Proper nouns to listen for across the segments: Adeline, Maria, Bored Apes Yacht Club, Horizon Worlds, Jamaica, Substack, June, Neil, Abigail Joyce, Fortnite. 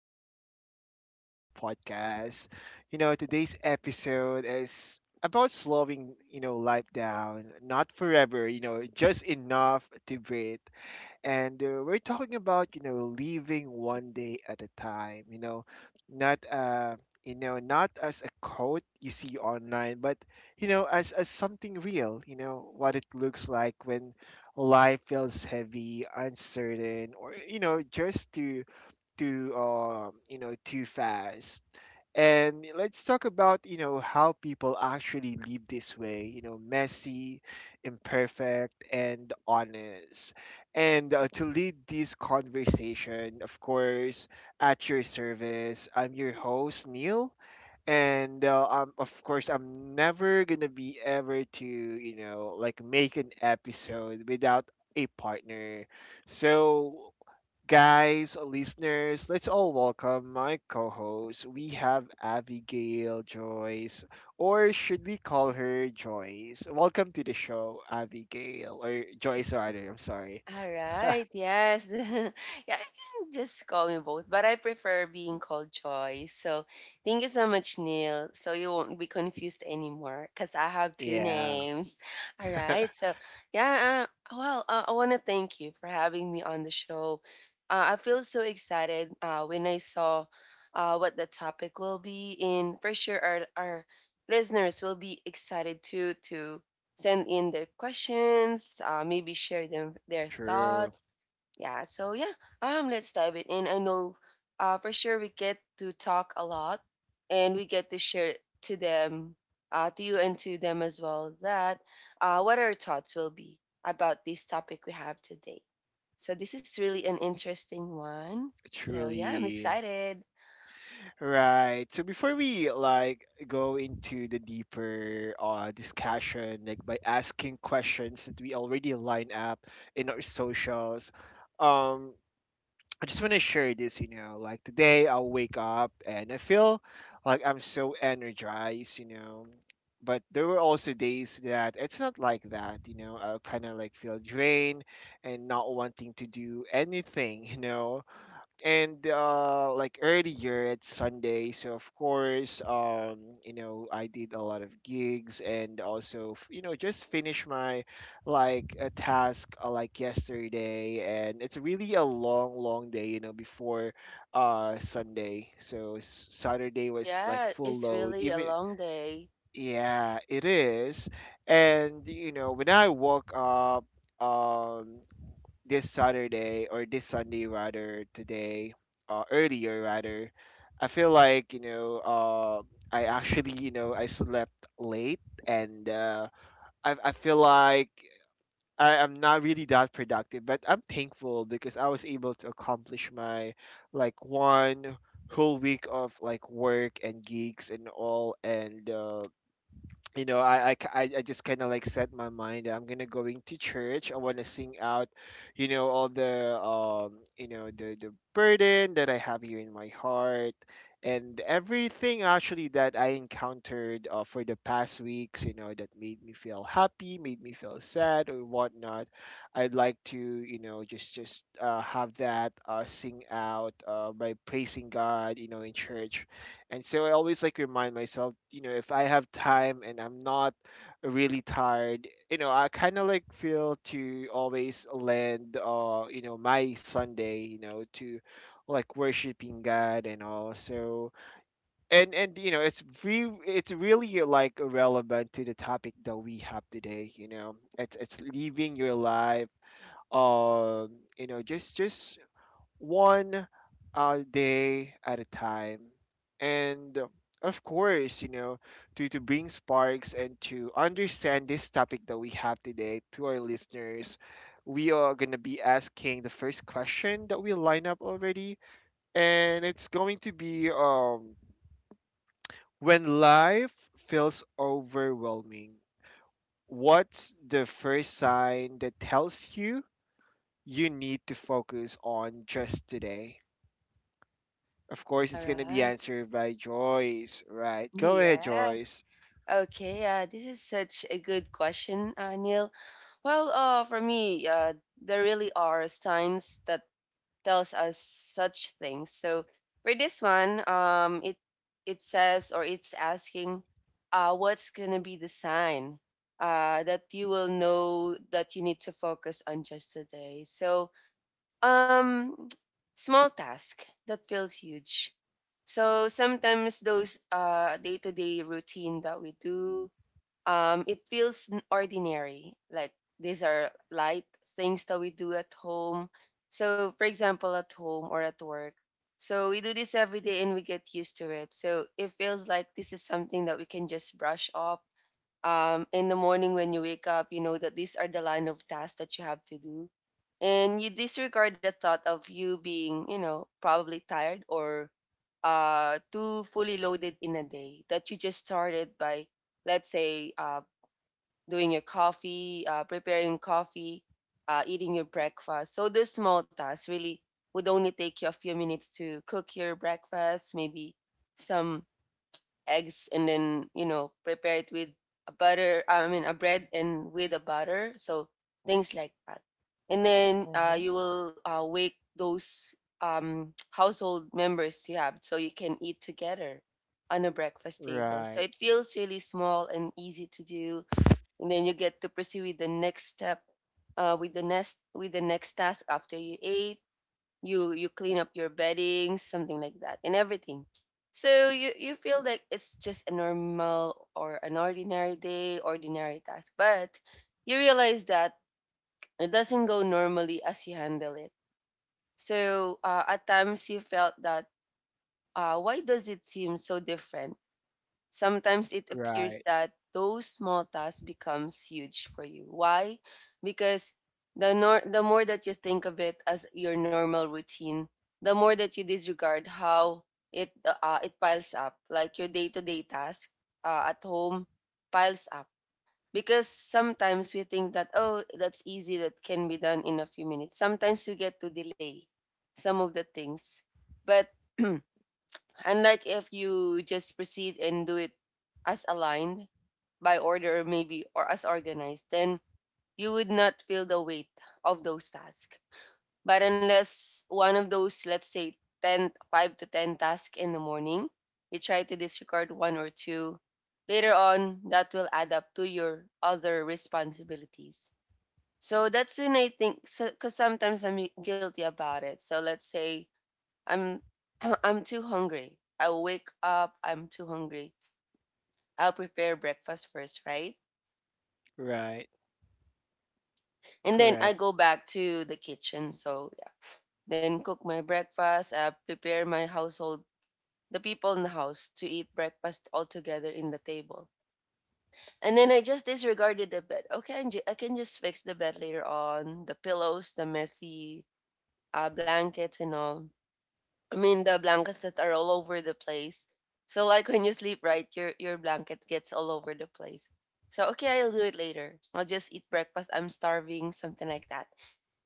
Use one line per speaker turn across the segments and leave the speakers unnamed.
Live in an Hour podcast. Today's episode is about slowing, life down, not forever, just enough to breathe, and we're talking about living one day at a time, not uh not as a quote you see online, but as something real, what it looks like when life feels heavy, uncertain, or just too too you know too fast. And let's talk about, how people actually live this way, messy, imperfect, and honest. And to lead this conversation, of course, at your service, I'm your host, Neil. And of course, I'm never going to be ever to, like make an episode without a partner. So, guys, listeners, let's all welcome my co host. We have Abigail Joyce, or should we call her Joyce? Welcome to the show, Abigail, or Joyce rather. I'm sorry.
All right, yes. Yeah, you can just call me both, but I prefer being called Joy. So thank you so much, Neil. So you won't be confused anymore because I have two
Yeah,
names. All right, so yeah, well, I want to thank you for having me on the show. I feel so excited when I saw what the topic will be, and for sure, our listeners will be excited too to send in their questions, maybe share them their
true,
thoughts. Yeah, so yeah, let's dive it in. I know for sure we get to talk a lot and we get to share to them, to you and to them as well, that what our thoughts will be about this topic we have today. So this is really an interesting one. So yeah, I'm
truly.
excited.
Right, so before we like go into the deeper discussion, like by asking questions that we already line up in our socials. Um I just want to share this, like today I'll wake up and I feel like I'm so energized. But there were also days that it's not like that. I kind of like feel drained and not wanting to do anything, and like earlier it's Sunday, so of course, I did a lot of gigs, and also just finish my like a task, like yesterday. And it's really a long, long day, before Sunday. So, Saturday was like
Yeah,
full
it's
load
really a
even.
long day.
Yeah, it is. And when I woke up, um this Saturday, or this Sunday rather, today, earlier rather, I feel like, I actually, I slept late. And I feel like I am not really that productive, but I'm thankful because I was able to accomplish my like one whole week of like work and gigs and all. And you know i i, I just kind of like set my mind. I'm gonna go into church. I want to sing out all the, the burden that I have here in my heart, and everything actually that I encountered, for the past weeks, that made me feel happy, made me feel sad, or whatnot. I'd like to, just have that, sing out, by praising God, in church. And so I always like remind myself, if I have time and I'm not really tired, I kind of like feel to always lend, my Sunday, to like worshiping God and all. So, and it's really like relevant to the topic that we have today. It's living your life, um just one day at a time. And of course, to bring sparks and to understand this topic that we have today to our listeners, we are going to be asking the first question that we line up already. And it's going to be, when life feels overwhelming, what's the first sign that tells you you need to focus on just today? Of course,
All
it's gonna be
right.
answered by Joyce. Right. Go ahead,
Yes.
Joyce.
Okay, this is such a good question, Neil. Well, for me, there really are signs that tells us such things. So for this one, it says or it's asking, what's gonna be the sign, that you will know that you need to focus on just today. So, um, small task that feels huge. So sometimes those day to day routine that we do it feels ordinary. Like these are light things that we do at home. So, for example, at home or at work. So, we do this every day and we get used to it. So, it feels like this is something that we can just brush off. In the morning when you wake up, you know that these are the line of tasks that you have to do. And you disregard the thought of you being, you know, probably tired or too fully loaded in a day that you just started by let's say doing your coffee, preparing coffee, eating your breakfast. So those small tasks really would only take you a few minutes to cook your breakfast, maybe some eggs, and then you know prepare it with a butter. I mean a bread and with a butter. So things like that. And then
Mm-hmm.
you will wake those household members you have so you can eat together on a breakfast table. So
Right.
it feels really small and easy to do, and then you get to proceed with the next step, with the next task after you ate. You clean up your bedding, something like that, and everything. So you feel like it's just a normal or an ordinary day, ordinary task, but you realize that it doesn't go normally as you handle it. So at times you felt that why does it seem so different? Sometimes it
Right.
appears that those small tasks becomes huge for you. Why? Because the nor- the more that you think of it as your normal routine, the more that you disregard how it it piles up. Like your day-to-day task at home piles up, because sometimes we think that, oh, that's easy, that can be done in a few minutes. Sometimes we get to delay some of the things. But unlike if you just proceed and do it as aligned by order, or maybe or as organized, then you would not feel the weight of those tasks. But unless one of those, let's say 5 to 10 tasks in the morning, you try to disregard one or two, later on that will add up to your other responsibilities. So that's when I think, because sometimes I'm guilty about it. So let's say I'm I'm too hungry. I wake up, I'm too hungry. I'll prepare breakfast first, right?
Right.
And then I
Correct.
go back to the kitchen. So yeah, then cook my breakfast, prepare my household, the people in the house to eat breakfast all together in the table. And then I just disregarded the bed. Okay, I can just fix the bed later on, the pillows, the messy blankets and all. I mean the blankets that are all over the place. So like when you sleep, right, your blanket gets all over the place. So okay, I'll do it later. I'll just eat breakfast. I'm starving, something like that.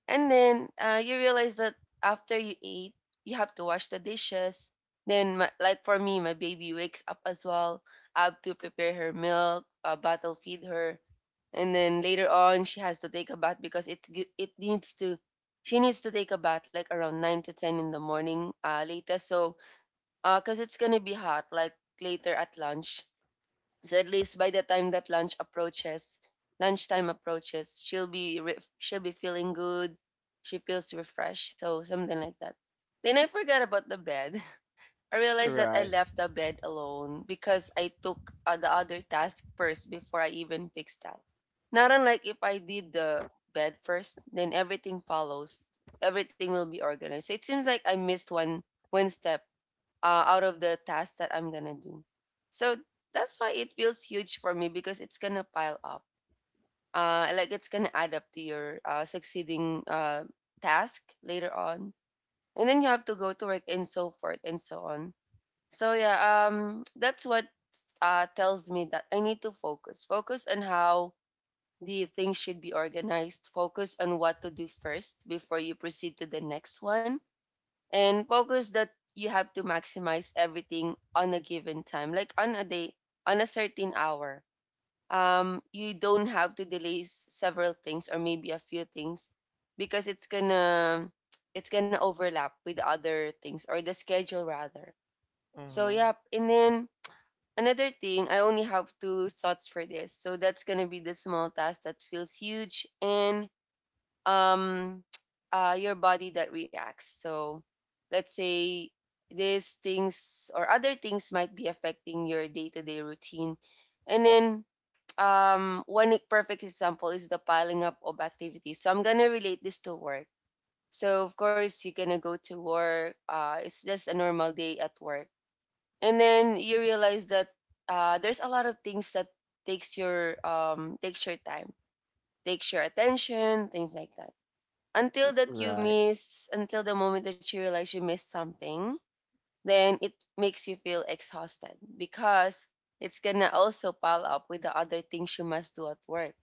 And then you realize that after you eat, you have to wash the dishes. Then my, like for me, my baby wakes up as well. I have to prepare her milk, bottle feed her, and then later on she has to take a bath because it gi- it needs to she needs to take a bath like around 9 to 10 in the morning latest. So because it's gonna be hot like later at lunch, so at least by the time that lunchtime approaches, she'll be feeling good, she feels refreshed, so something like that. Then I forgot about the bed. I realized that I
Right.
left the bed alone because I took the other task first before I even fixed that. Not unlike if I did the bed first, then everything follows. Everything will be organized. So it seems like I missed one step out of the task that I'm gonna do. So that's why it feels huge for me, because it's gonna pile up. Like it's gonna add up to your succeeding task later on, and then you have to go to work and so forth and so on. So yeah, that's what tells me that I need to focus. Focus on how the things should be organized. Focus on what to do first before you proceed to the next one, and focus that you have to maximize everything on a given time, like on a day, on a certain hour. You don't have to delay several things or maybe a few things, because it's gonna overlap with other things, or the schedule rather. So
Mm-hmm.
yeah, and then another thing, I only have two thoughts for this. So that's gonna be the small task that feels huge, and um your body that reacts. So let's say these things or other things might be affecting your day-to-day routine. And then perfect example is the piling up of activities. So I'm gonna relate this to work. So of course you're gonna go to work. It's just a normal day at work, and then you realize that there's a lot of things that takes your time, takes your attention, things like that, until that you
Right.
miss until the moment that you realize you missed something. Then it makes you feel exhausted because it's gonna also pile up with the other things you must do at work.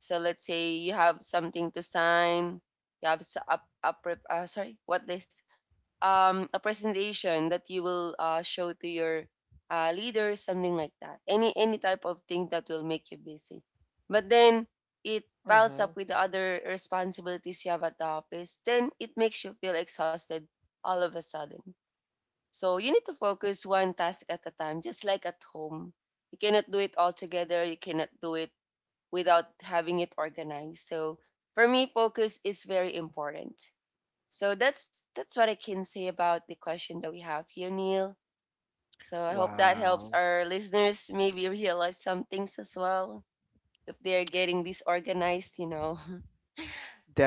So let's say you have something to sign. You have s- up up sorry what they A presentation that you will show to your leader, something like that. Any type of thing that will make you busy. But then it piles
Mm-hmm.
up with the other responsibilities you have at the office. Then it makes you feel exhausted all of a sudden. So you need to focus one task at a time, just like at home. You cannot do it all together. You cannot do it without having it organized. So for me, focus is very important. So that's what I can say about the question that we have here, Neil. So I hope that helps
Wow.
our listeners maybe realize some things as well if they're getting disorganized, you know.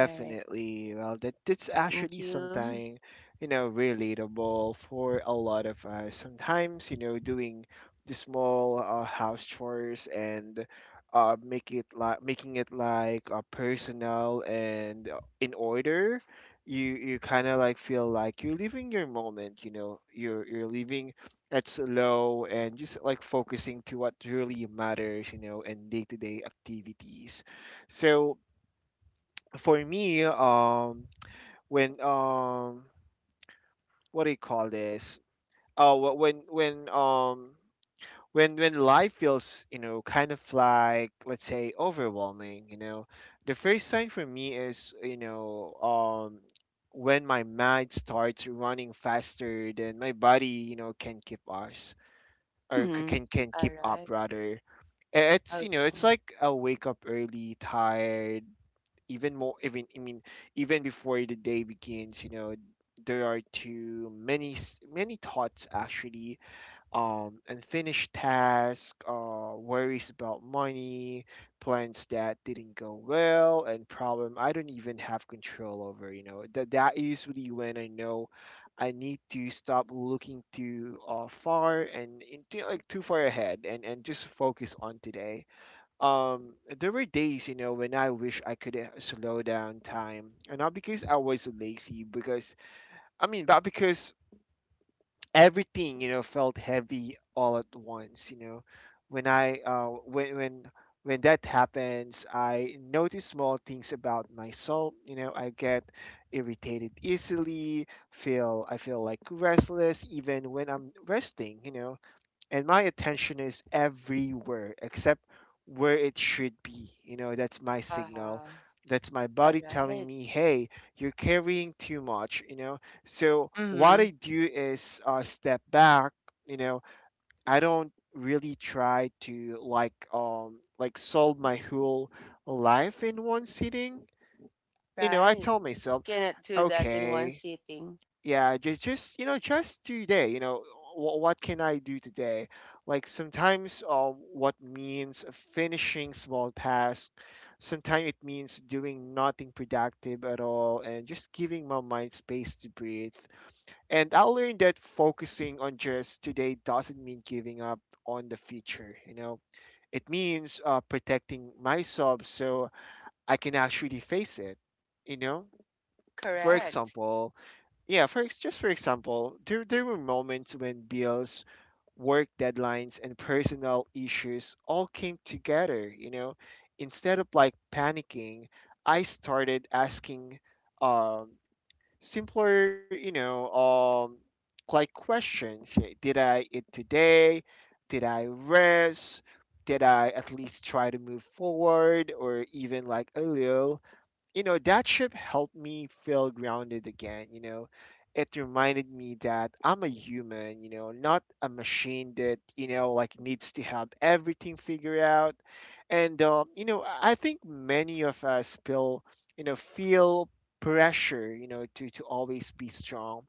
All right.
Well, that's
Thank
actually
you.
something, relatable for a lot of us. Sometimes, doing the small, house chores, and make it like making it like, personal, and in order, you kind of like feel like you're living your moment. You know, you're living at slow and just like focusing to what really matters. And day to day activities. So for me, when what do you call this? Oh, when life feels, kind of like, let's say, overwhelming. The first sign for me is, when my mind starts running faster than my body, can keep us, or c-
Mm-hmm.
can can
All
keep up
right.
rather. It's, it's
Okay.
like I wake up early, tired even more, even I mean even before the day begins. There are too many, many thoughts actually, unfinished tasks, worries about money, plans that didn't go well, and problem I don't even have control over. That usually when I know I need to stop looking too, far, and into like too far ahead, and just focus on today. Um there were days, when I wish I could, slow down time, and not because I was lazy, because I mean but because everything, felt heavy all at once. When I when that happens, I notice small things about myself. I get irritated easily, feel I feel like restless even when I'm resting, and my attention is everywhere except where it should be. That's my signal.
Uh-huh.
That's my
All
body telling
right.
me, hey, you're carrying too much. So what
Mm-hmm.
I do is, step back. You know i don't really try to like, like solve my whole life in one sitting. I
Right.
tell myself,
Cannot do that in one
okay,
sitting.
yeah, just just today. What can I do today? Like sometimes, what means finishing small tasks. Sometimes it means doing nothing productive at all and just giving my mind space to breathe. And I learned that focusing on just today doesn't mean giving up on the future. It means, protecting myself, so I can actually face it, you know for
Correct.
example. Yeah, just for example, there were moments when bills, work deadlines, and personal issues all came together. Instead of like panicking, I started asking, um, simpler, like questions. Yeah. Did I eat today? Did I rest? Did I at least try to move forward or even like a little? That trip helped me feel grounded again. It reminded me that I'm a human, not a machine that, like needs to have everything figured out. And, I think many of us feel pressure, to always be strong,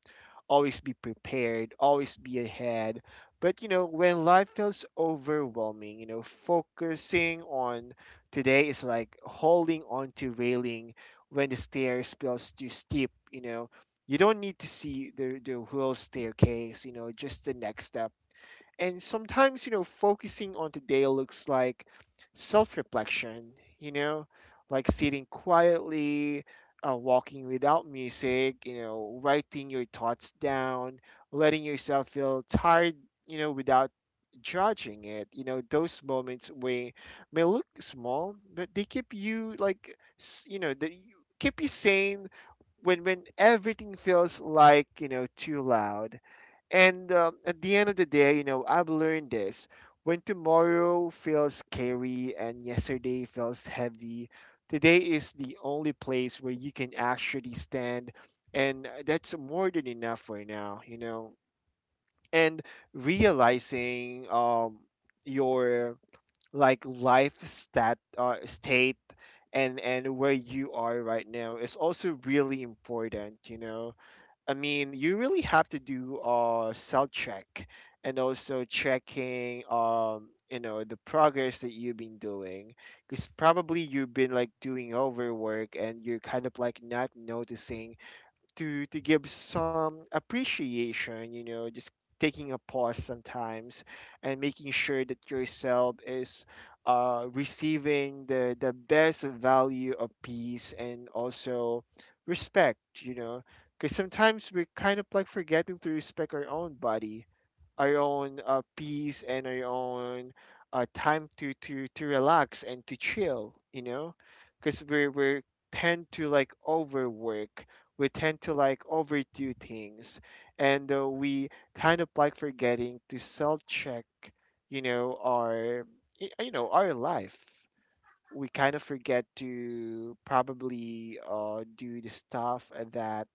always be prepared, always be ahead. But, when life feels overwhelming, focusing on today is like holding on to railing when the stairs feels too steep. You don't need to see the whole staircase, just the next step. And sometimes, focusing on today looks like self reflection, you know, like sitting quietly, walking without music, writing your thoughts down, letting yourself feel tired, without judging it. Those moments may look small, but they keep you, like, they keep you sane when everything feels like, too loud. And, at the end of the day, I've learned this. When tomorrow feels scary and yesterday feels heavy, today is the only place where you can actually stand. And that's more than enough for now. And realizing, your like life state, and where you are right now is also really important, I mean, you really have to do, self check, and also checking, the progress that you've been doing, because probably you've been like doing overwork and you're kind of like not noticing to give some appreciation, just taking a pause sometimes, and making sure that yourself is, receiving the best value of peace and also respect. Because sometimes we're kind of like forgetting to respect our own body, our own, peace, and our own, time to relax and to chill, because we tend to like overwork. We tend to like overdo things, and we kind of like forgetting to self check, our, our life. We kind of forget to probably, do the stuff that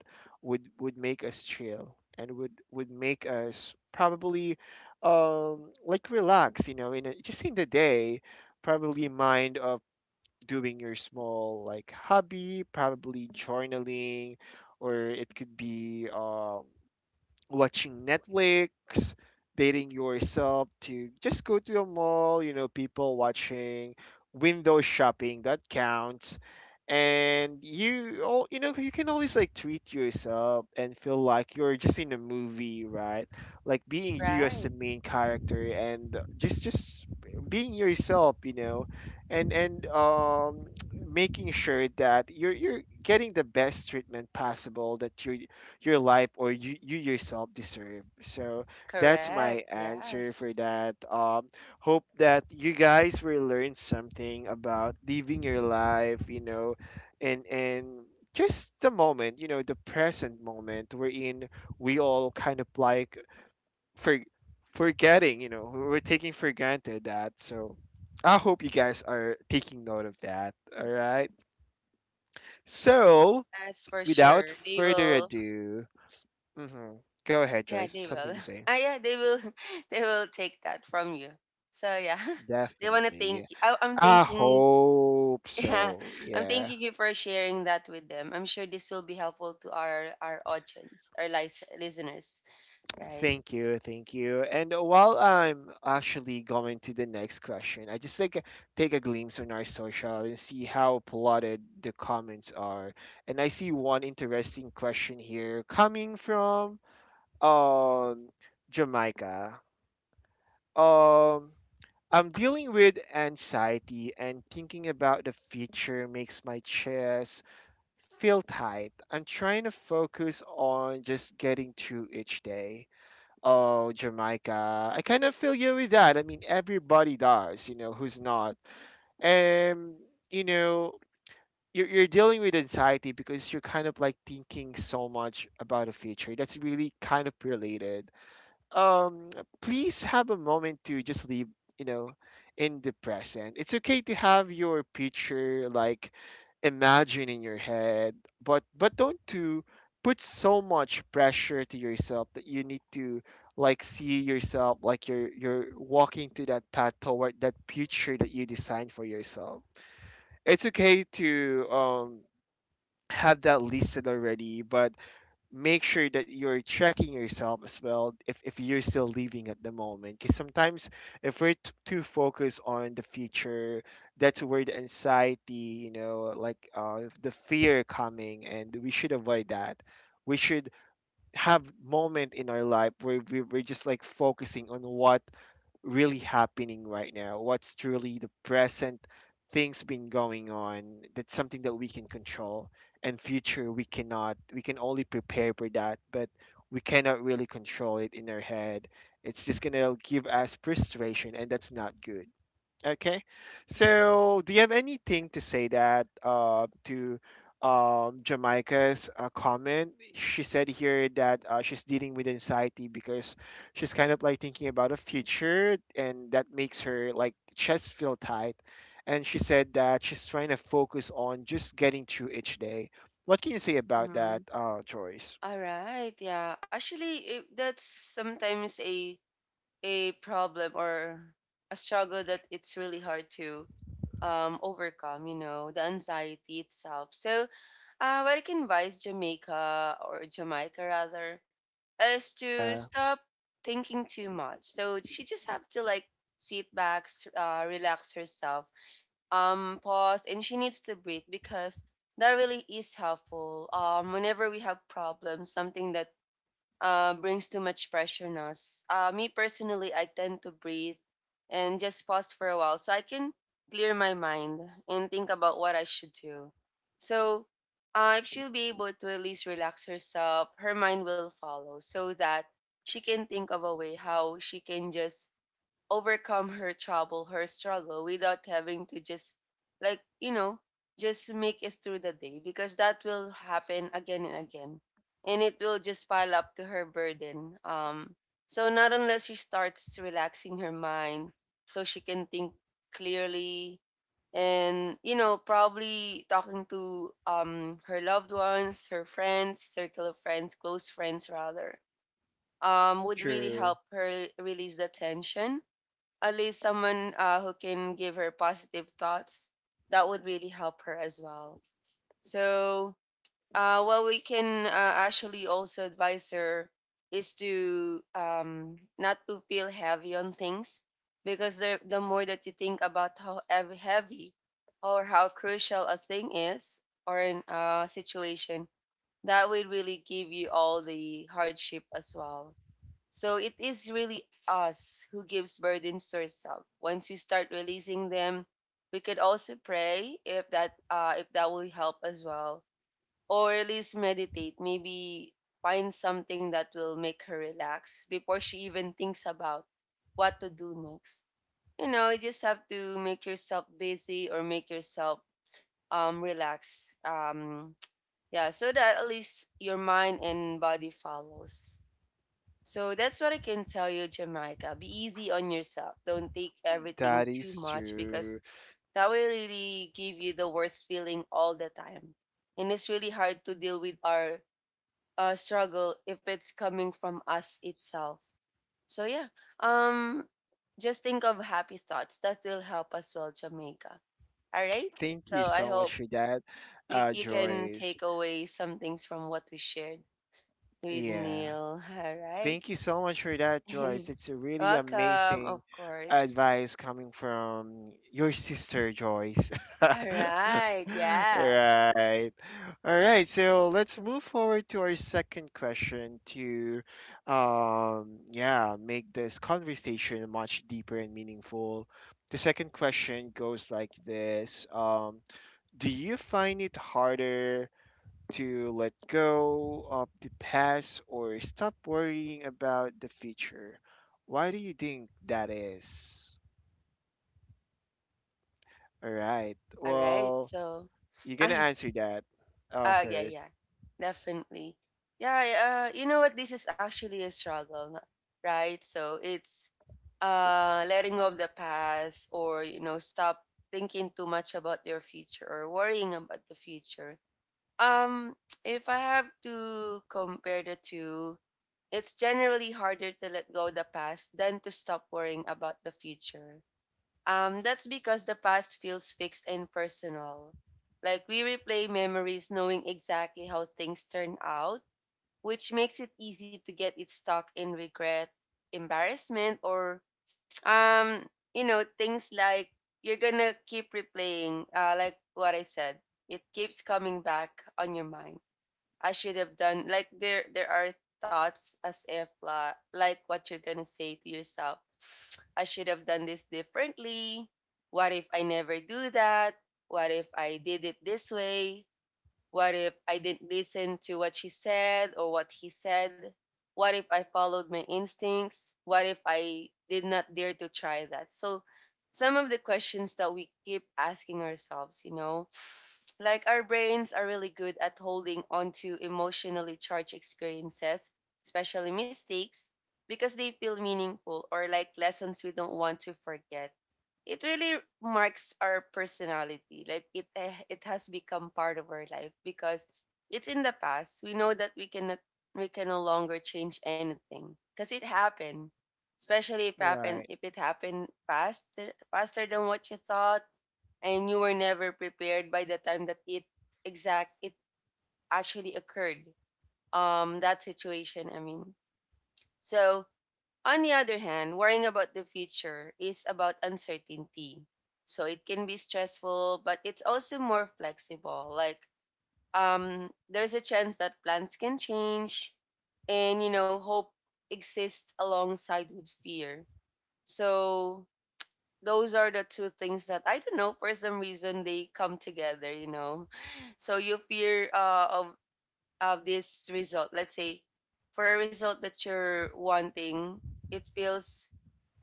would make us chill, and would make us probably, like relax, just in the day, probably mind of doing your small like hobby, probably journaling, or it could be, watching Netflix, dating yourself to just go to a mall, people watching, window shopping. That counts. And you can always like treat yourself and feel like you're just in a movie, right? Like being you as the
Right.
main character and just being yourself, you know, and making sure that you're getting the best treatment possible that you're your life or you yourself deserve. So that's
Correct.
my answer
Yes.
for that. Hope that you guys will learn something about living your life, you know, and just the moment, you know, the present moment we're in. We all kind of like for forgetting, you know, we're taking for granted that. So I hope you guys are taking note of that. All right. So
Yes, for
without
sure. They
further
will.
ado, hmm go ahead,
Yeah,
Joyce.
they
Something
will.
to say.
Ah, yeah, they will. They will take that from you. So yeah, they wanna
Definitely.
thank. You. I'm
I
thinking.
hope
Yeah,
so.
I'm
Yeah.
thanking you for sharing that with them. I'm sure this will be helpful to our audience, our listeners, right?
Thank you. Thank you. And while I'm actually going to the next question, I just like take a glimpse on our social and see how plotted the comments are. And I see one interesting question here coming from um Jamaica. Um I'm dealing with anxiety and thinking about the future makes my chest feel tight. I'm trying to focus on just getting through each day. Oh, Jamaica. I kind of feel you with that. I mean, everybody does, you know, who's not. And, you know, you're dealing with anxiety because you're kind of like thinking so much about the future. That's really kind of related. um Please have a moment to just leave, you know, in the present. It's okay to have your picture like imagine in your head, but don't to put so much pressure to yourself that you need to like see yourself like you're walking to that path toward that future that you designed for yourself. It's okay to have that listed already, but make sure that you're checking yourself as well if you're still living at the moment, because sometimes if we're too focused on the future, that's where the anxiety, you know, like the fear coming, and we should avoid that. We should have moment in our life where we're just like focusing on what really happening right now, what's truly the present things been going on. That's something that we can control. And future we cannot, we can only prepare for that, but we cannot really control it in our head. It's just gonna give us frustration and that's not good. Okay. So, do you have anything to say that to Jamaica's comment? She said here that she's dealing with anxiety because she's kind of like thinking about a future, and that makes her like chest feel tight. And she said that she's trying to focus on just getting through each day. What can you say about
Mm-hmm.
that, Joyce?
All right. Yeah. Actually, that's sometimes a problem or a struggle that it's really hard to overcome, you know, the anxiety itself. So what I can advise Jamaica, or Jamaica rather, is to
Yeah,
stop thinking too much. So she just have to like sit back, relax herself, pause, and she needs to breathe because that really is helpful. Whenever we have problems, something that brings too much pressure on us. Me personally, I tend to breathe and just pause for a while so I can clear my mind and think about what I should do. So, if she'll be able to at least relax herself, her mind will follow so that she can think of a way how she can just overcome her trouble, her struggle without having to just like, you know, just make it through the day because that will happen again and again. And it will just pile up to her burden. So not unless she starts relaxing her mind so she can think clearly, and you know probably talking to her loved ones, her friends, circle of friends, close friends rather, would really
true.
help her release the tension. At least someone who can give her positive thoughts, that would really help her as well. So what we can actually also advise her is to not to feel heavy on things, because the more that you think about how heavy or how crucial a thing is, or in a situation, that will really give you all the hardship as well. So it is really us who gives burdens to ourselves. Once we start releasing them, we could also pray if that will help as well, or at least meditate. Maybe find something that will make her relax before she even thinks about what to do next. You know, you just have to make yourself busy or make yourself relax. Yeah, so that at least your mind and body follows. So that's what I can tell you, Jamaica. Be easy on yourself. Don't take everything
That
too
is
much because
true.
that will really give you the worst feeling all the time. And it's really hard to deal with our struggle if it's coming from us itself. So yeah, um, just think of happy thoughts. That will help as well, Jamaica. All right.
Thank
So
you
I
so much
hope
for that,
we you can
Joyce.
take away some things from what we shared with
Yeah.
Neil. All right.
Thank you so much for that, Joyce. It's a really
Welcome, of
amazing
course.
advice coming from your sister, Joyce.
All right, yeah.
Right. All right. So let's move forward to our second question to, yeah, make this conversation much deeper and meaningful. The second question goes like this. Do you find it harder to let go of the past or stop worrying about the future. Why do you think that is? All right.
All right.
Well,
So,
you're gonna
I
answer that
yeah,
first.
yeah. Definitely. Yeah, you know what, this is actually a struggle, right? So, it's letting go of the past or, you know, stop thinking too much about your future or worrying about the future. Um if I have to compare the two, it's generally harder to let go of the past than to stop worrying about the future. That's because the past feels fixed and personal. Like, we replay memories knowing exactly how things turn out, which makes it easy to get it stuck in regret, embarrassment, or um, you know, things like you're gonna keep replaying, like what I said. It keeps coming back on your mind. I should have done, like there are thoughts as if like what you're gonna say to yourself, I should have done this differently. What if I never do that? What if I did it this way? What if I didn't listen to what she said or what he said? What if I followed my instincts? What if I did not dare to try that? So, some of the questions that we keep asking ourselves, you know, like our brains are really good at holding on to emotionally charged experiences, especially mistakes, because they feel meaningful or like lessons we don't want to forget. It really marks our personality. Like, it has become part of our life because it's in the past. We know that we can no longer change anything because it happened. Especially
Right.
if it happened faster than what you thought, and you were never prepared by the time that it actually occurred. That situation, I mean. So on the other hand, worrying about the future is about uncertainty. So it can be stressful, but it's also more flexible. Like, there's a chance that plans can change, and you know, hope exists alongside with fear. So those are the two things that, I don't know, for some reason they come together. You know, so you fear of this result. Let's say for a result that you're wanting, it feels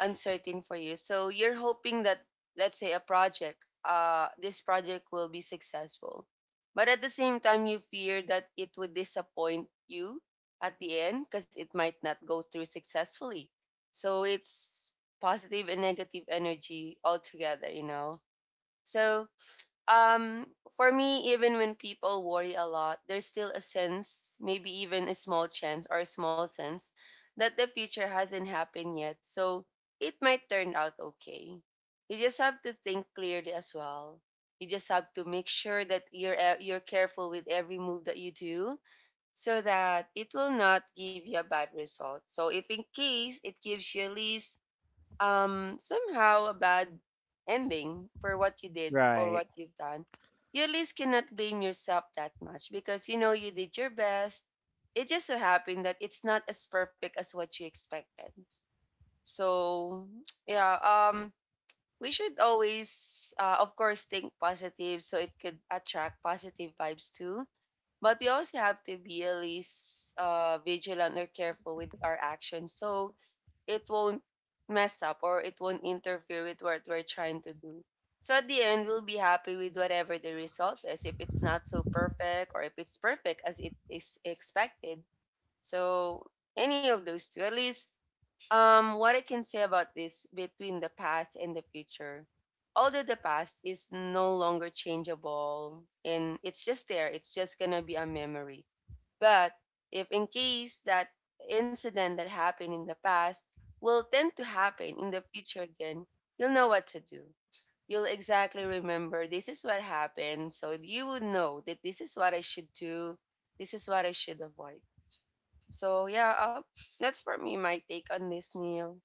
uncertain for you. So you're hoping that, let's say, a project, this project will be successful. But at the same time, you fear that it would disappoint you at the end because it might not go through successfully. So it's positive and negative energy altogether, you know. So um for me, even when people worry a lot, there's still a sense, maybe even a small chance or a small sense, that the future hasn't happened yet, so it might turn out okay. You just have to think clearly as well. You just have to make sure that you're careful with every move that you do, so that it will not give you a bad result. So if in case it gives you at least somehow a bad ending for what you did or
Right.
what you've done, you at least cannot blame yourself that much because you know you did your best. It just so happened that it's not as perfect as what you expected. So yeah, we should always of course think positive so it could attract positive vibes too. But we also have to be at least vigilant or careful with our actions. So it won't mess up or it won't interfere with what we're trying to do. So at the end, we'll be happy with whatever the result is, if it's not so perfect or if it's perfect as it is expected. So any of those two, at least what I can say about this between the past and the future. Although the past is no longer changeable and it's just there, it's just gonna be a memory, but if in case that incident that happened in the past will tend to happen in the future again, you'll know what to do. You'll exactly remember this is what happened. So you would know that this is what I should do. This is what I should avoid. So yeah, that's for me my take on this, Neil.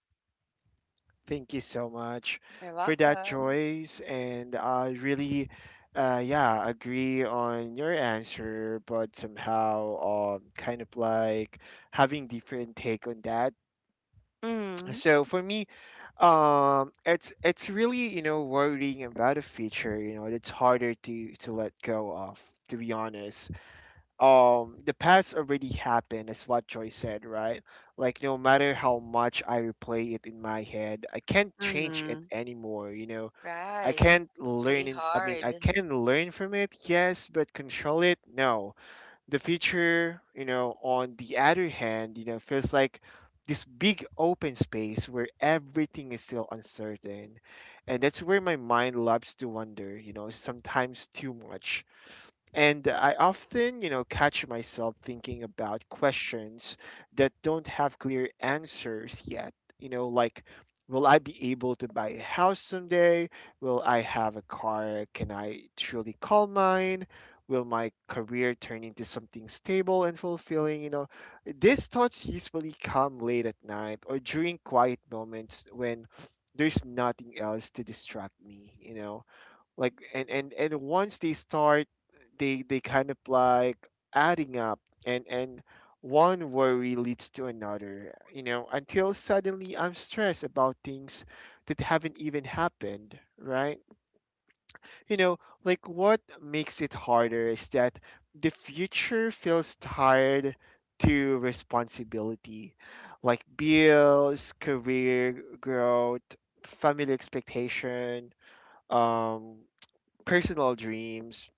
Thank you so much
You're
for that
welcome.
choice, and I really, yeah, agree on your answer, but somehow, kind of like having different take on that.
Mm.
So for me. It's really, you know, worrying about a future, you know, it's harder to let go of, to be honest. The past already happened, is what Joy said, right? Like no matter how much I replay it in my head, I can't change it
Mm-hmm.
anymore, you know. I
Right.
can't
It's
learn
really
in, I mean, I
hard.
can learn from it, yes, but control it, no. The future, you know, on the other hand, you know, feels like this big open space where everything is still uncertain. And that's where my mind loves to wander, you know, sometimes too much, and I often, you know, catch myself thinking about questions that don't have clear answers yet. You know, like, will I be able to buy a house someday? Will I have a car? Can I truly call mine? Will my career turn into something stable and fulfilling? You know, these thoughts usually come late at night or during quiet moments when there's nothing else to distract me, you know, like and once they start, they kind of like adding up, and one worry leads to another, you know, until suddenly I'm stressed about things that haven't even happened, right, you know, like what makes it harder is that the future feels tired to responsibility, like bills, career growth, family expectation, um personal dreams.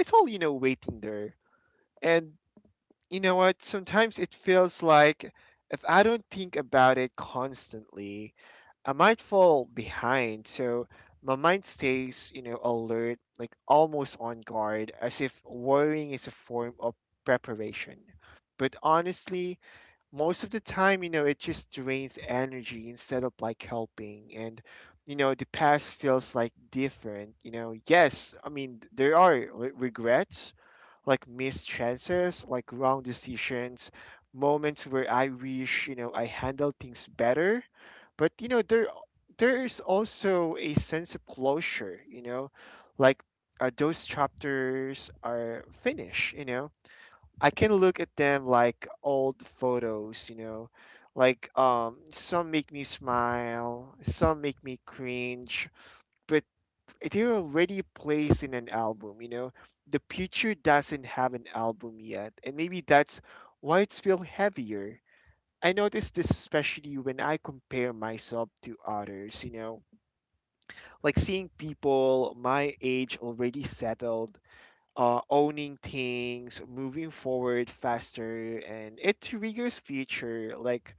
It's all, you know, waiting there. And you know what? Sometimes it feels like if I don't think about it constantly, I might fall behind. So my mind stays, you know, alert, like almost on guard, as if worrying is a form of preparation. But honestly, most of the time, you know, it just drains energy instead of like helping. And, you know, the past feels like different. You know, yes, I mean, there are regrets, like missed chances, like wrong decisions, moments where I wish, you know, I handled things better. But, you know, there's also a sense of closure, you know, like those chapters are finished, you know. I can look at them like old photos, you know. Like some make me smile, some make me cringe, but they're already placed in an album, you know. The future doesn't have an album yet, and maybe that's why it's feel heavier. I notice this especially when I compare myself to others, you know, like seeing people my age already settled, owning things, moving forward faster, and it triggers future, like,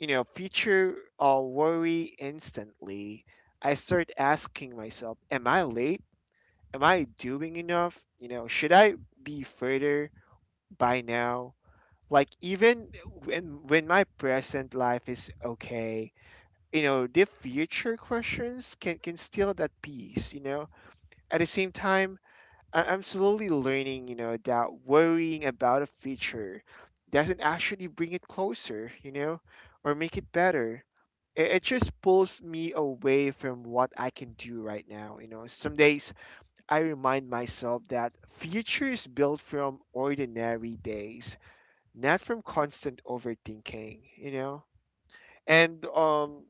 you know, future worry instantly. I start asking myself, am I late? Am I doing enough? You know, should I be further by now? Like, even when my present life is okay, you know, the future questions can steal that peace, you know? At the same time, I'm slowly learning, you know, that worrying about a future doesn't actually bring it closer, you know, or make it better. It just pulls me away from what I can do right now, you know. Some days I remind myself that future is built from ordinary days, not from constant overthinking, you know, and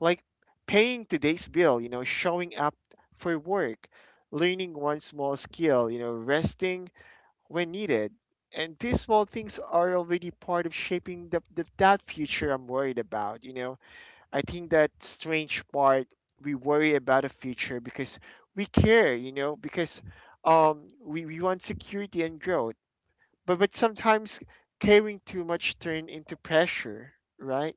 like paying today's bill, you know, showing up for work, learning one small skill, you know, resting when needed. And these small things are already part of shaping that future I'm worried about. You know, I think that strange part, we worry about a future because we care. You know, because we want security and growth. But sometimes caring too much turn into pressure, right?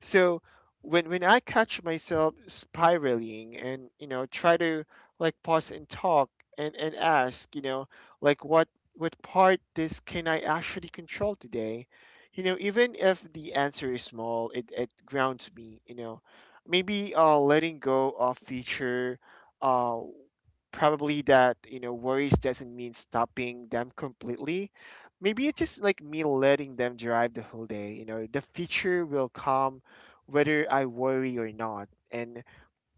So when I catch myself spiraling, and you know try to like pause and talk and ask, you know, like what part this can I actually control today? You know, even if the answer is small, it grounds me, you know. Maybe letting go of future uh probably that, you know, worries doesn't mean stopping them completely. Maybe it's just like me letting them drive the whole day. You know, the future will come whether I worry or not, and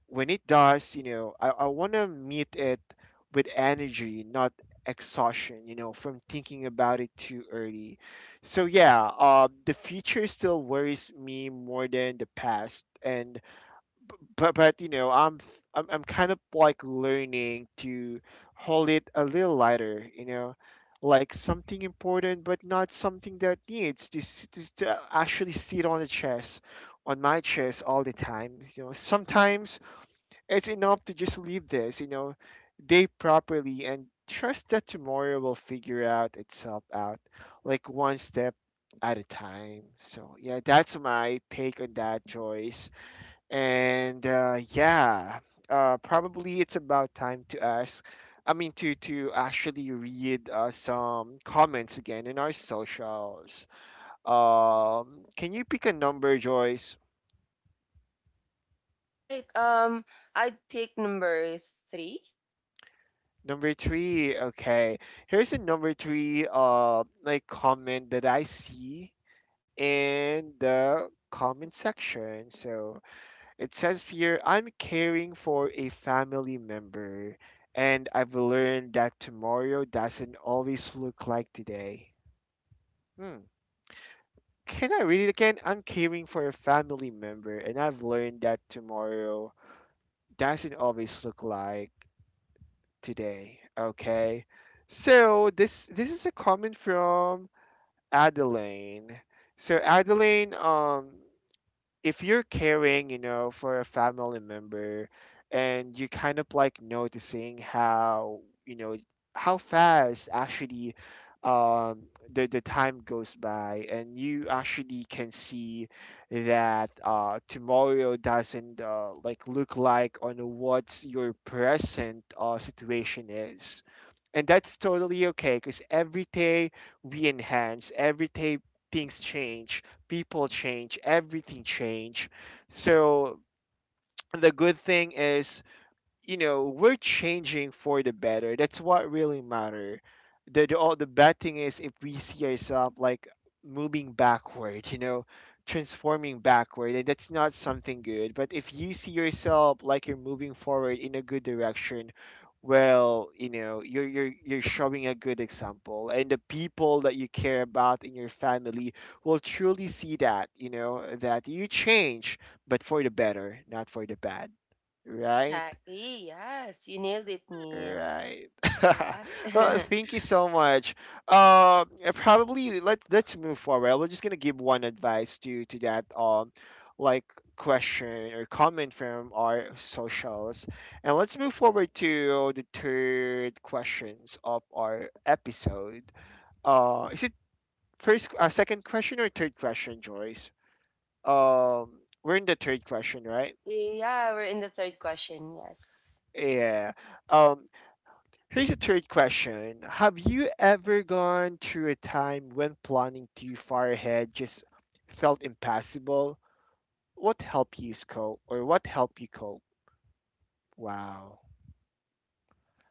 when it does, you know, I want to meet it with energy, not exhaustion, you know, from thinking about it too early. So yeah, the future still worries me more than the past, and but you know I'm f- I'm kind of like learning to hold it a little lighter, you know, like something important, but not something that needs to actually sit on the chest, on my chest all the time. You know, sometimes it's enough to just leave this, you know, day properly and trust that tomorrow will figure out itself out, like one step at a time. So yeah, that's my take on that, Joyce, and yeah, probably it's about time to ask. I mean, to actually read some comments again in our socials. Can you pick a number, Joyce?
Right. I'd pick number three.
Number three. Okay, here's a number three. Like comment that I see in the comment section. So it says here, I'm caring for a family member, and I've learned that tomorrow doesn't always look like today. Hmm. Can I read it again? I'm caring for a family member, and I've learned that tomorrow doesn't always look like today. Okay. So this is a comment from Adeline. So Adeline, if you're caring, you know, for a family member and you kind of like noticing how, you know, how fast actually um the time goes by, and you actually can see that tomorrow doesn't like look like on what your present situation is. And that's totally okay, because every day we enhance, every day things change, people change, everything change. So the good thing is, you know, we're changing for the better. That's what really matter. The the bad thing is if we see ourselves like moving backward, you know, transforming backward, and that's not something good. But if you see yourself like you're moving forward in a good direction, well, you know, you're showing a good example, and the people that you care about in your family will truly see that, you know, that you change, but for the better, not for the bad, right?
Exactly. Yes, you nailed it, Neil.
Right.
All
Well,
right.
thank you so much. Yeah, probably let's move forward. We're just gonna give one advice to that like question or comment from our socials, and let's move forward to the third questions of our episode. Is it first, second question or third question, Joyce? Um, we're in the third question, right?
Yeah, we're in the third question. Yes.
Yeah. Um, Here's a third question. Have you ever gone through a time when planning too far ahead just felt impossible? What helped you cope, or what helped you cope? Wow.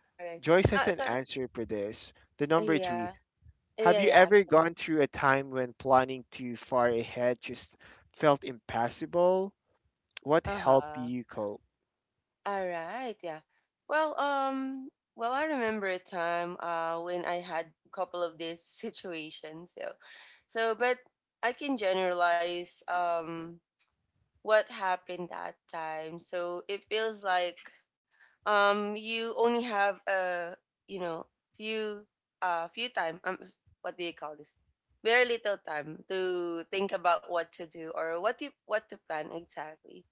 All right.
Joyce has an
Sorry.
answer for this. The number three.
Yeah.
Have
Yeah,
you
yeah. I
ever
can.
gone through a time when planning too far ahead just felt impossible? What helped
Uh-huh.
you cope?
All right. Yeah. Well, well, I remember a time when I had a couple of these situations. So, so, but I can generalize what happened that time. So it feels like you only have a you know few few time, what do you call this, very little time to think about what to do or what to plan exactly.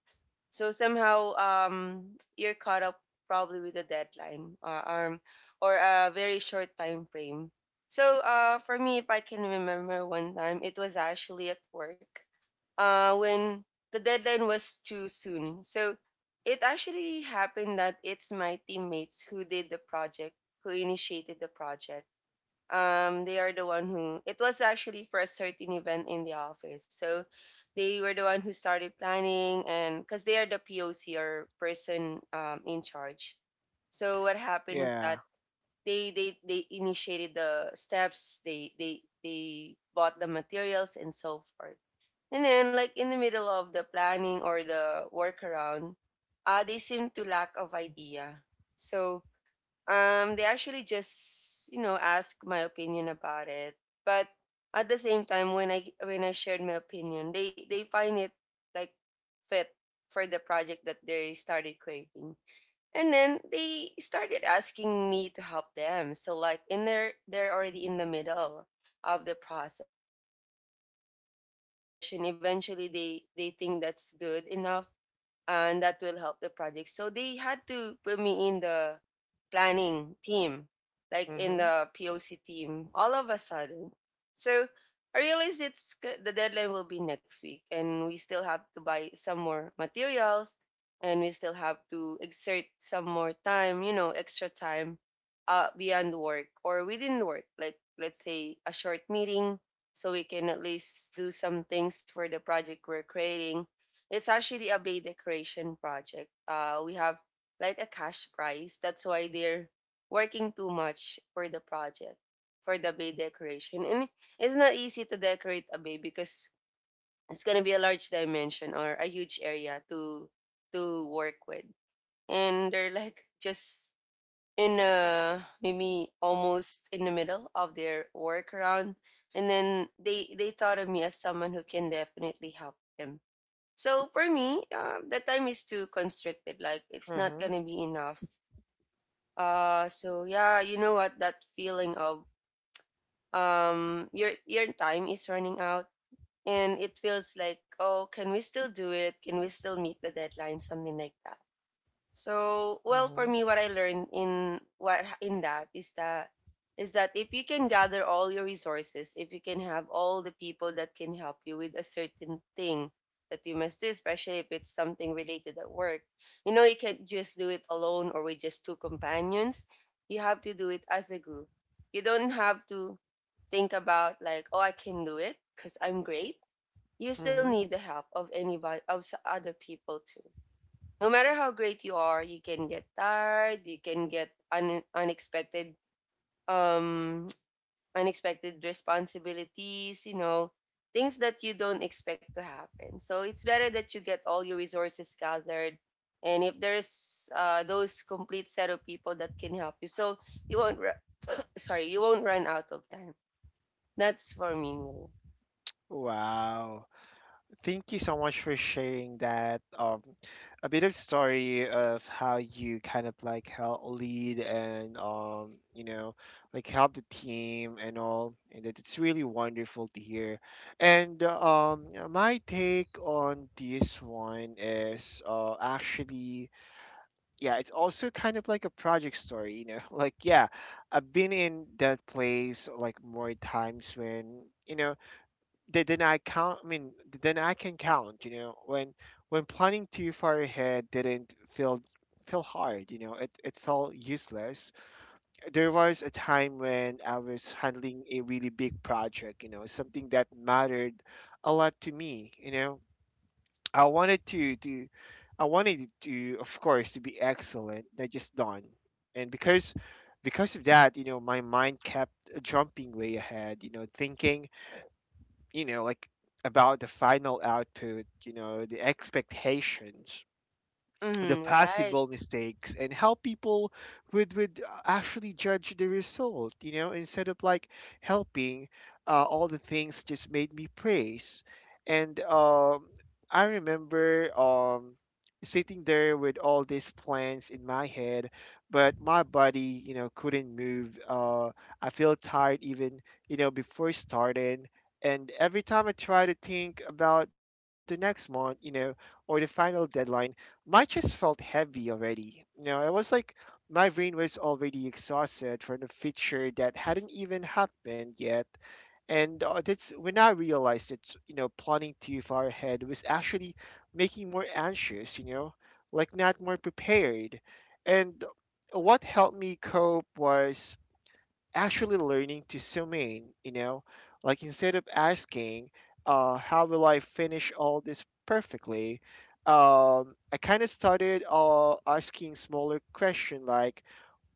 So somehow you're caught up probably with a deadline, um, or a very short time frame. So for me, if I can remember one time, it was actually at work, when the deadline was too soon. So it actually happened that it's my teammates who initiated the project. They are the one who, it was actually for a certain event in the office, so they were the one who started planning, and because they are the POC or person in charge. So what happened is
Yeah.
that they initiated the steps, they bought the materials and so forth, and then like in the middle of the planning or the workaround, they seem to lack of idea. So they actually just, you know, ask my opinion about it. But at the same time, when I shared my opinion, they find it like fit for the project that they started creating. And then they started asking me to help them. So like in there, they're already in the middle of the process. And then I just gave my suggestion. Eventually they think that's good enough and that will help the project. So they had to put me in the planning team, like in
Mm-hmm.
the POC team, all of a sudden. So I realized, the deadline will be next week, and we still have to buy some more materials, and we still have to exert some more time, you know, extra time, beyond work or within work, like let's say a short meeting, so we can at least do some things for the project we're creating. It's actually a Bay Decoration project. We have like a cash prize. That's why they're working too much for the project, for the Bay Decoration. And it's not easy to decorate a bay because it's gonna be a large dimension or a huge area to work with. And they're like just in maybe almost in the middle of their workaround, and then they thought of me as someone who can definitely help them. So for me, that time is too constricted. Like it's not
Mm-hmm.
gonna be enough. So yeah, you know what? That feeling of your time is running out, and it feels like, oh, can we still do it? Can we still meet the deadline? Something like that. So, well, for
Mm-hmm.
me, what I learned in what in that is that if you can gather all your resources, if you can have all the people that can help you with a certain thing that you must do, especially if it's something related at work, you know, you can't just do it alone or with just two companions. You have to do it as a group. You don't have to think about like, oh, I can do it because I'm great. You still
Mm-hmm.
need the help of anybody, other people too. No matter how great you are, you can get tired, you can get unexpected um unexpected responsibilities, you know, things that you don't expect to happen. So it's better that you get all your resources gathered, and if there's those complete set of people that can help you. So you won't sorry, you won't run out of time. That's for me.
Wow. Thank you so much for sharing that. A bit of story of how you kind of like help lead and you know, like help the team and all, and that it's really wonderful to hear. And my take on this one is actually, yeah, it's also kind of like a project story, you know, like yeah, I've been in that place like more times when. You know, they then I count. I mean, then I can count. You know, when planning too far ahead didn't feel feel hard. You know, it felt useless. There was a time when I was handling a really big project. You know, something that mattered a lot to me. You know, I wanted to I wanted it to, of course, to be excellent, not just done. And because of that, you know, my mind kept jumping way ahead. You know, thinking, you know, like about the final output, you know, the expectations, the
Mm, right.
possible mistakes, and help people would actually judge the result, you know, instead of like helping. All the things just made me praise. And I remember sitting there with all these plans in my head, but my body, you know, couldn't move. I feel tired even, you know, before starting. And every time I try to think about the next month, you know, or the final deadline, my chest felt heavy already. You know, it was like my brain was already exhausted from the feature that hadn't even happened yet. And that's when I realized that, you know, planning too far ahead was actually making more anxious, you know, like not more prepared. And what helped me cope was actually learning to zoom in, you know, like instead of asking, how will I finish all this perfectly? I kind of started asking smaller question like,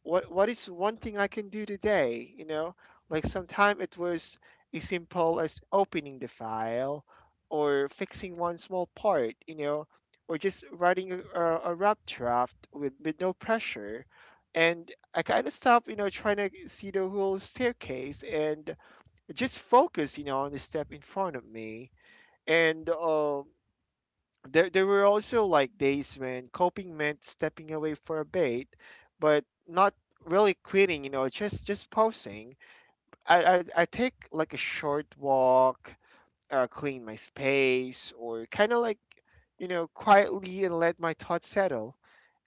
what is one thing I can do today? You know, like sometimes it was as simple as opening the file, or fixing one small part, you know, or just writing a rough draft with no pressure. And I kind of stopped, you know, trying to see the whole staircase, and just focus, you know, on the step in front of me. And there there were also like days when coping meant stepping away for a bit, but not really quitting, you know, just pausing. I take like a short walk, clean my space, or kind of like, you know, quietly and let my thoughts settle.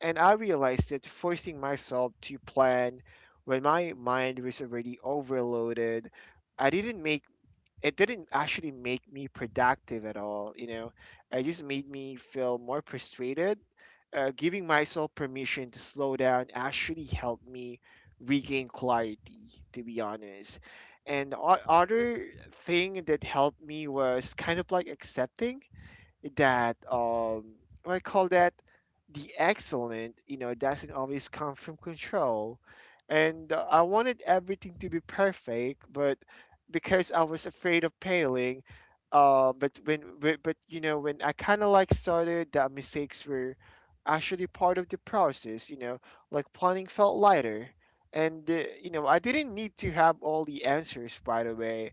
And I realized that forcing myself to plan when my mind was already overloaded, I didn't make it didn't actually make me productive at all, you know, it just made me feel more frustrated. Giving myself permission to slow down actually helped me regain clarity, to be honest. And other thing that helped me was kind of like accepting that what I call that, the excellent, you know, doesn't always come from control. And I wanted everything to be perfect, but because I was afraid of failing, but, you know, when I kind of like started, the mistakes were actually part of the process. You know, like planning felt lighter, and you know, I didn't need to have all the answers right away.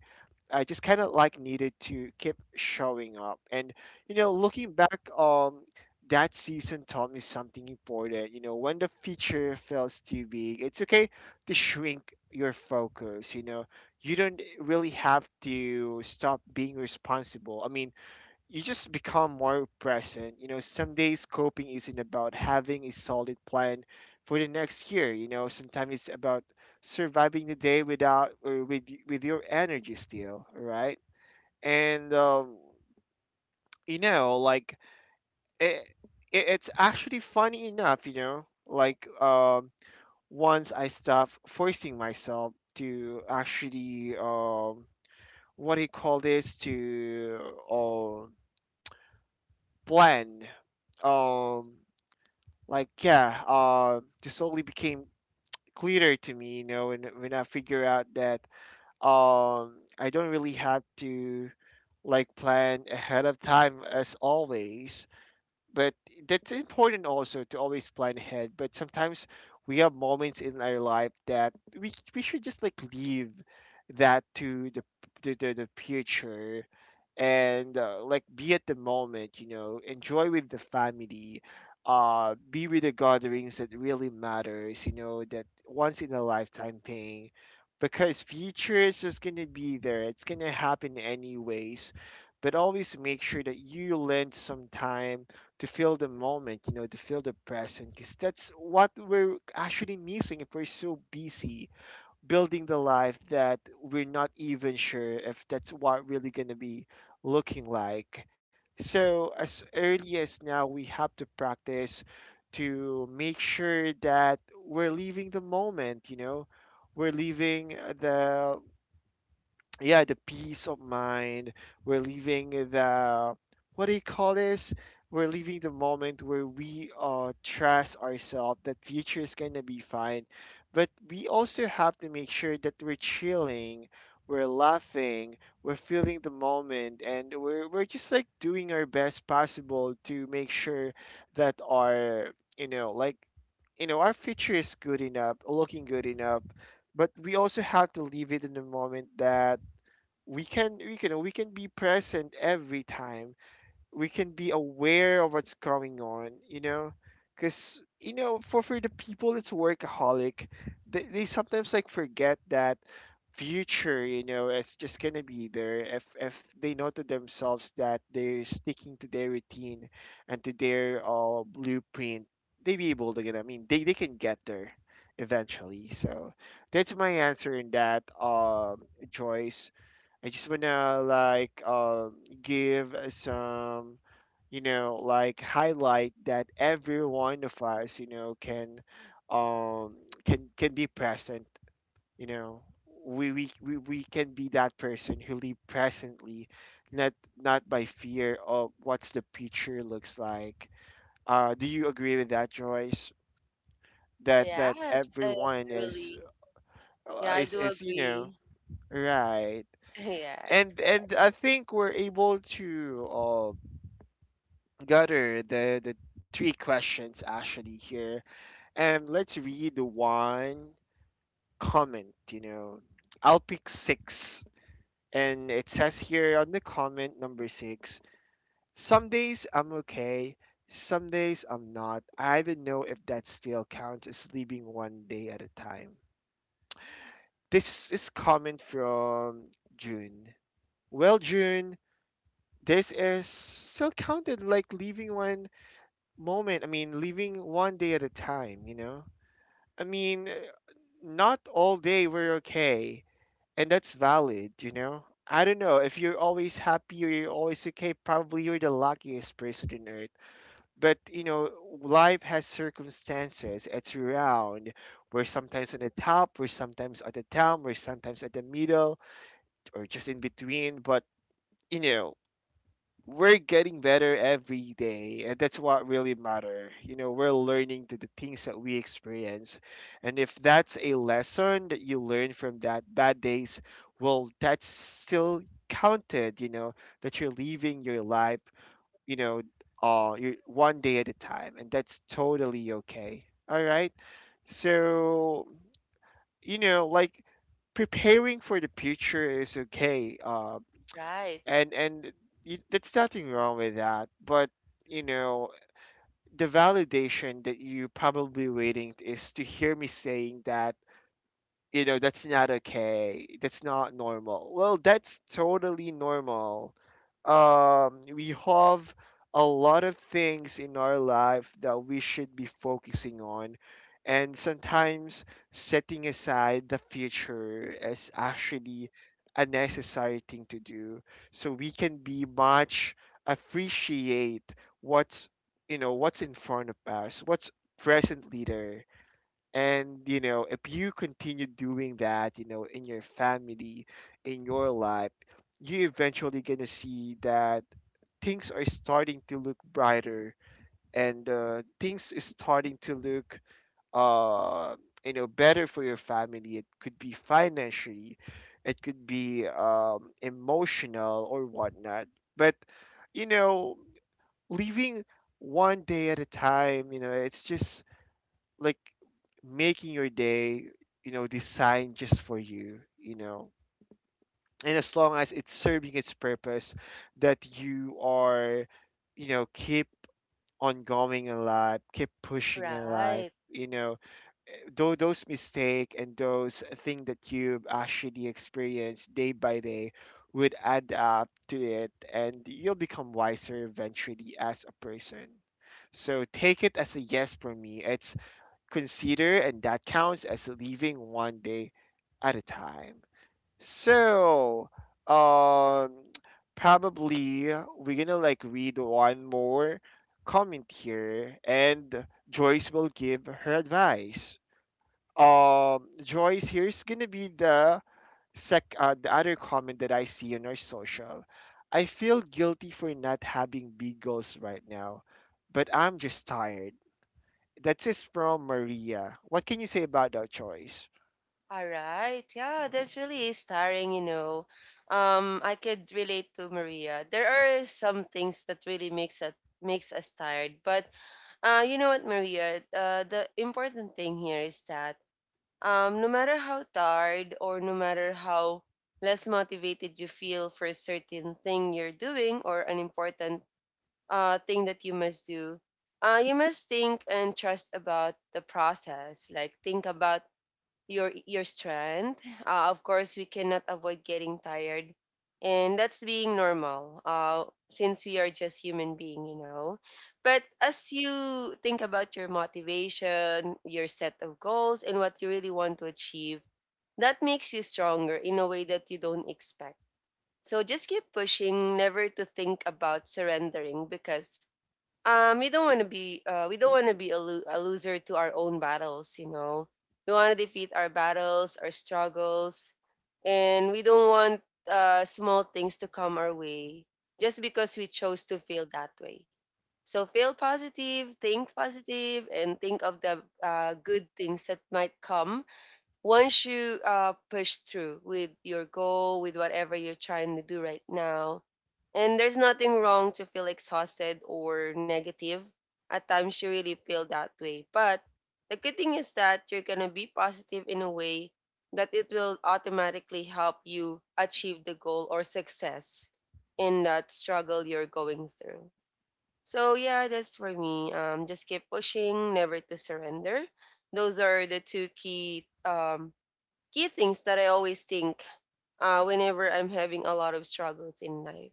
I just kind of like needed to keep showing up. And, you know, looking back, that season taught me something important. You know, when the feature feels too big, it's okay to shrink your focus. You know, you don't really have to stop being responsible. I mean, you just become more present. You know, some days coping isn't about having a solid plan for the next year. You know, sometimes it's about surviving the day without or with your energy still, right? And you know, like it, it's actually funny enough. You know, like once I stop forcing myself to actually what do you call this, to um, plan um like yeah, this only became clearer to me, you know, when I figure out that I don't really have to like plan ahead of time as always. But that's important also to always plan ahead, but sometimes we have moments in our life that we should just like leave that to the future. And like be at the moment, you know, enjoy with the family. Be with the gatherings that really matters, you know, that once in a lifetime thing. Because future is just gonna be there, it's gonna happen anyways. But always make sure that you lend some time to feel the moment, you know, to feel the present, because that's what we're actually missing if we're so busy building the life that we're not even sure if that's what really going to be looking like. So, as early as now, we have to practice to make sure that we're leaving the moment, you know, we're leaving the yeah, the peace of mind. We're leaving the, what do you call this? We're leaving the moment where we trust ourselves that future is gonna be fine. But we also have to make sure that we're chilling, we're laughing, we're feeling the moment, and we're just like doing our best possible to make sure that you know, like, you know, our future is good enough, looking good enough. But we also have to leave it in the moment that we can be present every time, we can be aware of what's going on, you know, because you know, for the people that's workaholic, they sometimes like forget that future, you know, it's just gonna be there, if they know to themselves that they're sticking to their routine and to their blueprint, they be able to get, I mean, they can get there eventually. So that's my answer in that, Joyce. I just wanna like give some, you know, like highlight that every one of us, you know, can um be present. You know, we can be that person who live presently, not by fear of what's the future looks like. Do you agree with that, Joyce?
Ah,
That
yes.
everyone is
Really. Yeah, I do
is, you know,
agree.
right?
Yes,
And
correct.
I think we're able to gather the three questions actually here, and let's read the one comment. You know, I'll pick six, and it says here on the comment number six: Some days I'm okay. Some days I'm not. I even know if that still counts as sleeping one day at a time. This is comment from June. Well, June, this is still counted like leaving one moment. I mean, leaving one day at a time, you know? I mean, not all day we're okay, and that's valid, you know? I don't know. If you're always happy or you're always okay, probably you're the luckiest person on earth. But, you know, life has circumstances. It's round. We're sometimes on the top, we're sometimes at the down, we're sometimes at the middle, or just in between. But, you know, we're getting better every day, and that's what really matter, you know. We're learning to the things that we experience, and if that's a lesson that you learn from that bad days, well, that's still counted, you know, that you're living your life, you know, you one day at a time, and that's totally okay. All right, so, you know, like, preparing for the future is okay.
Right.
And that's nothing wrong with that, but, you know, the validation that you probably waiting is to hear me saying that, you know, that's not okay, that's not normal. Well, that's totally normal. We have a lot of things in our life that we should be focusing on, and sometimes setting aside the future is actually a necessary thing to do, so we can be much appreciate what's, you know, what's in front of us, what's presently there. And you know, if you continue doing that, you know, in your family, in your life, you eventually gonna see that things are starting to look brighter, and things is starting to look, uh, you know, better for your family. It could be financially, it could be, emotional or whatnot. But, you know, leaving one day at a time, you know, it's just like making your day, you know, designed just for you, you know. And as long as it's serving its purpose, that you are, you know, keep on going in life, keep pushing in life,
Right.
you know, though those mistake and those thing that you've actually experienced day by day would add up to it, and you'll become wiser eventually as a person. So take it as a yes for me. It's consider, and that counts as living one day at a time. So, um, probably we're gonna like read one more comment here, and Joyce will give her advice. Joyce, here's gonna be the sec the other comment that I see on our social. I feel guilty for not having big goals right now, but I'm just tired. That is from Maria. What can you say about that choice?
All right. Yeah, that's really starring, you know. I could relate to Maria. There are some things that really makes us tired. But you know what, Maria? The important thing here is that no matter how tired or no matter how less motivated you feel for a certain thing you're doing or an important thing that you must do, you must think and trust about the process. Like think about your strength. Of course, we cannot avoid getting tired, and that's being normal. Since we are just human being, you know. But as you think about your motivation, your set of goals, and what you really want to achieve, that makes you stronger in a way that you don't expect. So just keep pushing, never to think about surrendering because we don't want to be we don't want to be a, lo- a loser to our own battles, you know. We want to defeat our battles, our struggles, and we don't want small things to come our way just because we chose to feel that way. So feel positive, think positive, and think of the good things that might come once you push through with your goal, with whatever you're trying to do right now, and there's nothing wrong to feel exhausted or negative. At times, you really feel that way. But the good thing is that you're going to be positive in a way that it will automatically help you achieve the goal or success in that struggle you're going through. So, yeah, that's for me. Just keep pushing, never to surrender. Those are the two key key things that I always think whenever I'm having a lot of struggles in life.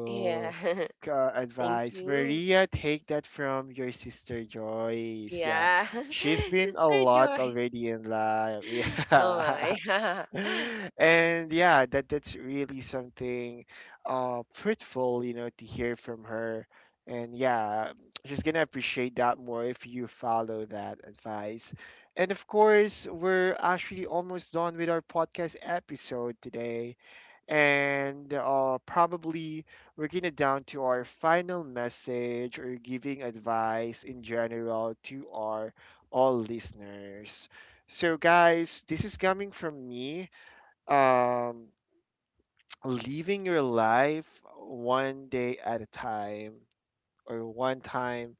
Yeah. Thank
advice.
you.
Maria, take that from your sister Joyce. Yeah,
Yeah.
she's been a
Sister
lot
Joyce.
already in life.
Oh
Yeah.
my.
And yeah, that's really something fruitful, you know, to hear from her. And yeah, she's gonna appreciate that more if you follow that advice. And of course, we're actually almost done with our podcast episode today. And probably we're gonna down to our final message or giving advice in general to our all listeners. So, guys, this is coming from me, um, living your life one day at a time or one time.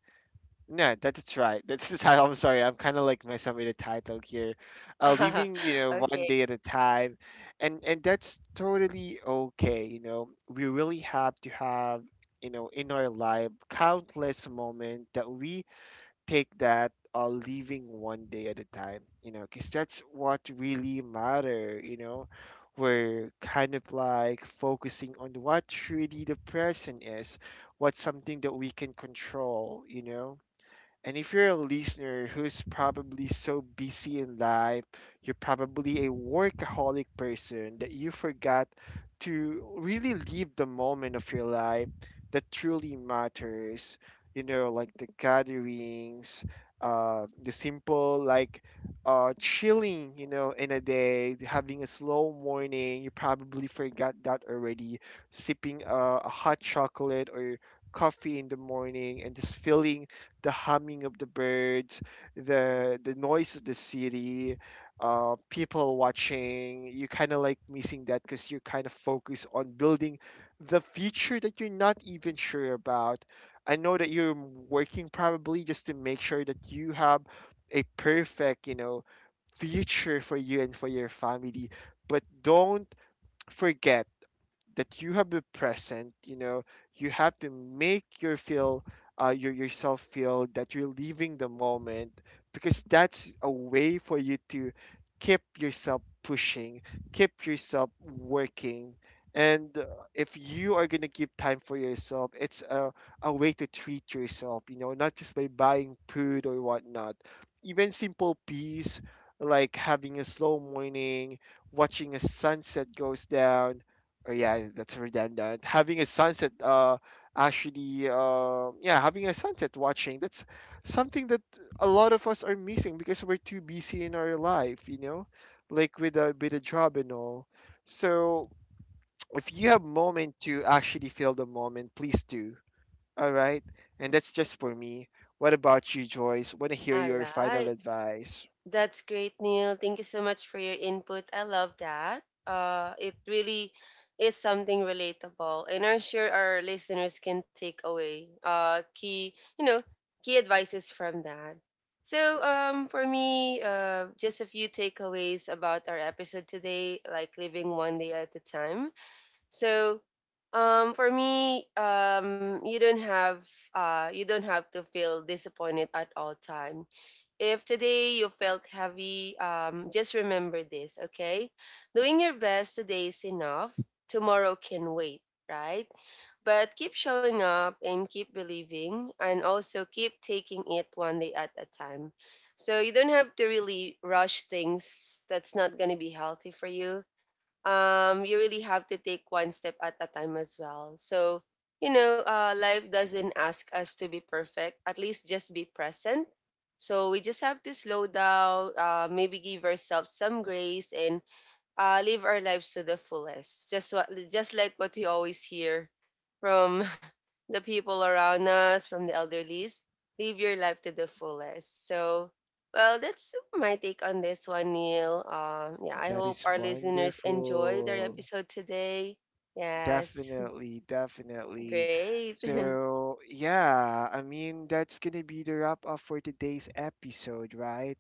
No, that's right. That's the title. I'm sorry. I'm kind of like messing up with the title here. Living, you know, one
Okay.
day at a time, and that's totally okay. You know, we really have to have, you know, in our life countless moment that we take that, living one day at a time, you know, because that's what really matter, you know. We're kind of like focusing on what really the present is, what's something that we can control, you know. And if you're a listener who's probably so busy in life, you're probably a workaholic person that you forgot to really live the moment of your life that truly matters. You know, like the gatherings, the simple, like, chilling, you know, in a day, having a slow morning. You probably forgot that already. Sipping a hot chocolate or coffee in the morning, and just feeling the humming of the birds, the noise of the city, people watching. You kind of like missing that because you're kind of focused on building the future that you're not even sure about. I know that you're working probably just to make sure that you have a perfect, you know, future for you and for your family. But don't forget that you have been present, you know. You have to make your feel, your yourself feel that you're leaving the moment, because that's a way for you to keep yourself pushing, keep yourself working. And if you are going to give time for yourself, it's a way to treat yourself, you know, not just by buying food or whatnot. Even simple peace, like having a slow morning, watching a sunset goes down. Oh yeah, that's redundant. Having a sunset, actually, yeah, having a sunset watching, that's something that a lot of us are missing because we're too busy in our life, you know, like with a job and all. So, if you have moment to actually feel the moment, please do. All right, and that's just for me. What about you, Joyce? Want to hear
All
your final
right.
advice?
That's great, Neil. Thank you so much for your input. I love that. It really is something relatable, and I'm sure our listeners can take away key, you know, key advices from that. So, for me, just a few takeaways about our episode today, like living one day at a time. So, for me, you don't have to feel disappointed at all time. If today you felt heavy, just remember this, okay? Doing your best today is enough. Tomorrow can wait, right? But keep showing up and keep believing, and also keep taking it one day at a time. So you don't have to really rush things that's not going to be healthy for you. You really have to take one step at a time as well. So, you know, life doesn't ask us to be perfect, at least just be present. So, we just have to slow down, maybe give ourselves some grace and live our lives to the fullest. Just just like what we always hear from the people around us, from the elderlies, live your life to the fullest. So, well, that's my take on this one, Neil. Yeah, I
That
hope
is
our listeners enjoyed our
wonderful.
episode today. Yes,
Definitely, definitely.
great.
So, yeah, I mean, that's gonna be the wrap up for today's episode, right?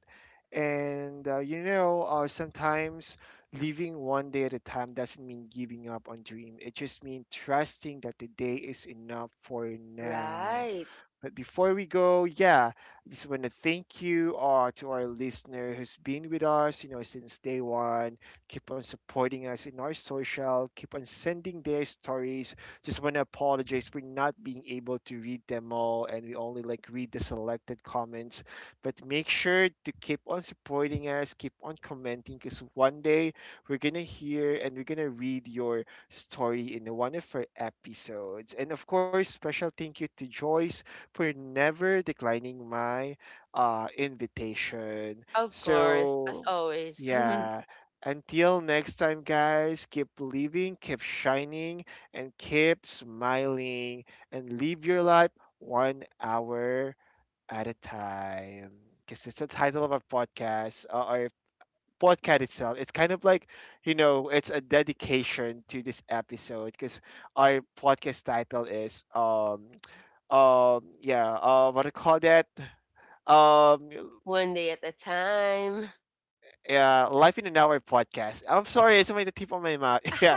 And you know, sometimes living one day at a time doesn't mean giving up on dream. It just means trusting that the day is enough for now.
Right.
But before we go, yeah, I just want to thank you, to our listener who's been with us, you know, since day one. Keep on supporting us in our social. Keep on sending their stories. Just want to apologize for not being able to read them all, and we only like read the selected comments. But make sure to keep on supporting us. Keep on commenting, because one day we're gonna hear and we're gonna read your story in one of our episodes. And of course, special thank you to Joyce for never declining my invitation.
Of course, as
So,
always,
yeah. Until next time, guys, keep living, keep shining, and keep smiling, and live your life one hour at a time. Because it's the title of our podcast itself. It's kind of like, you know, it's a dedication to this episode because our podcast title is, yeah, what do you call that? um
one day at a time.
yeah, Life in an Hour podcast. I'm sorry, it's only the tip of my mouth. Yeah,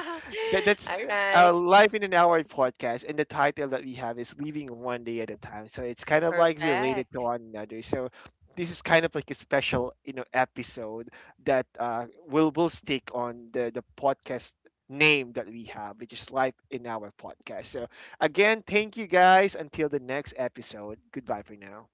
that, that's
All right.
Life in an Hour podcast, and the title that we have is Living One Day at a Time. So it's kind of like related to
Perfect.
one another. So this is kind of like a special, you know, episode that will stick on the podcast name that we have, which is Life in our podcast. So again, thank you guys. Until the next episode, goodbye for now.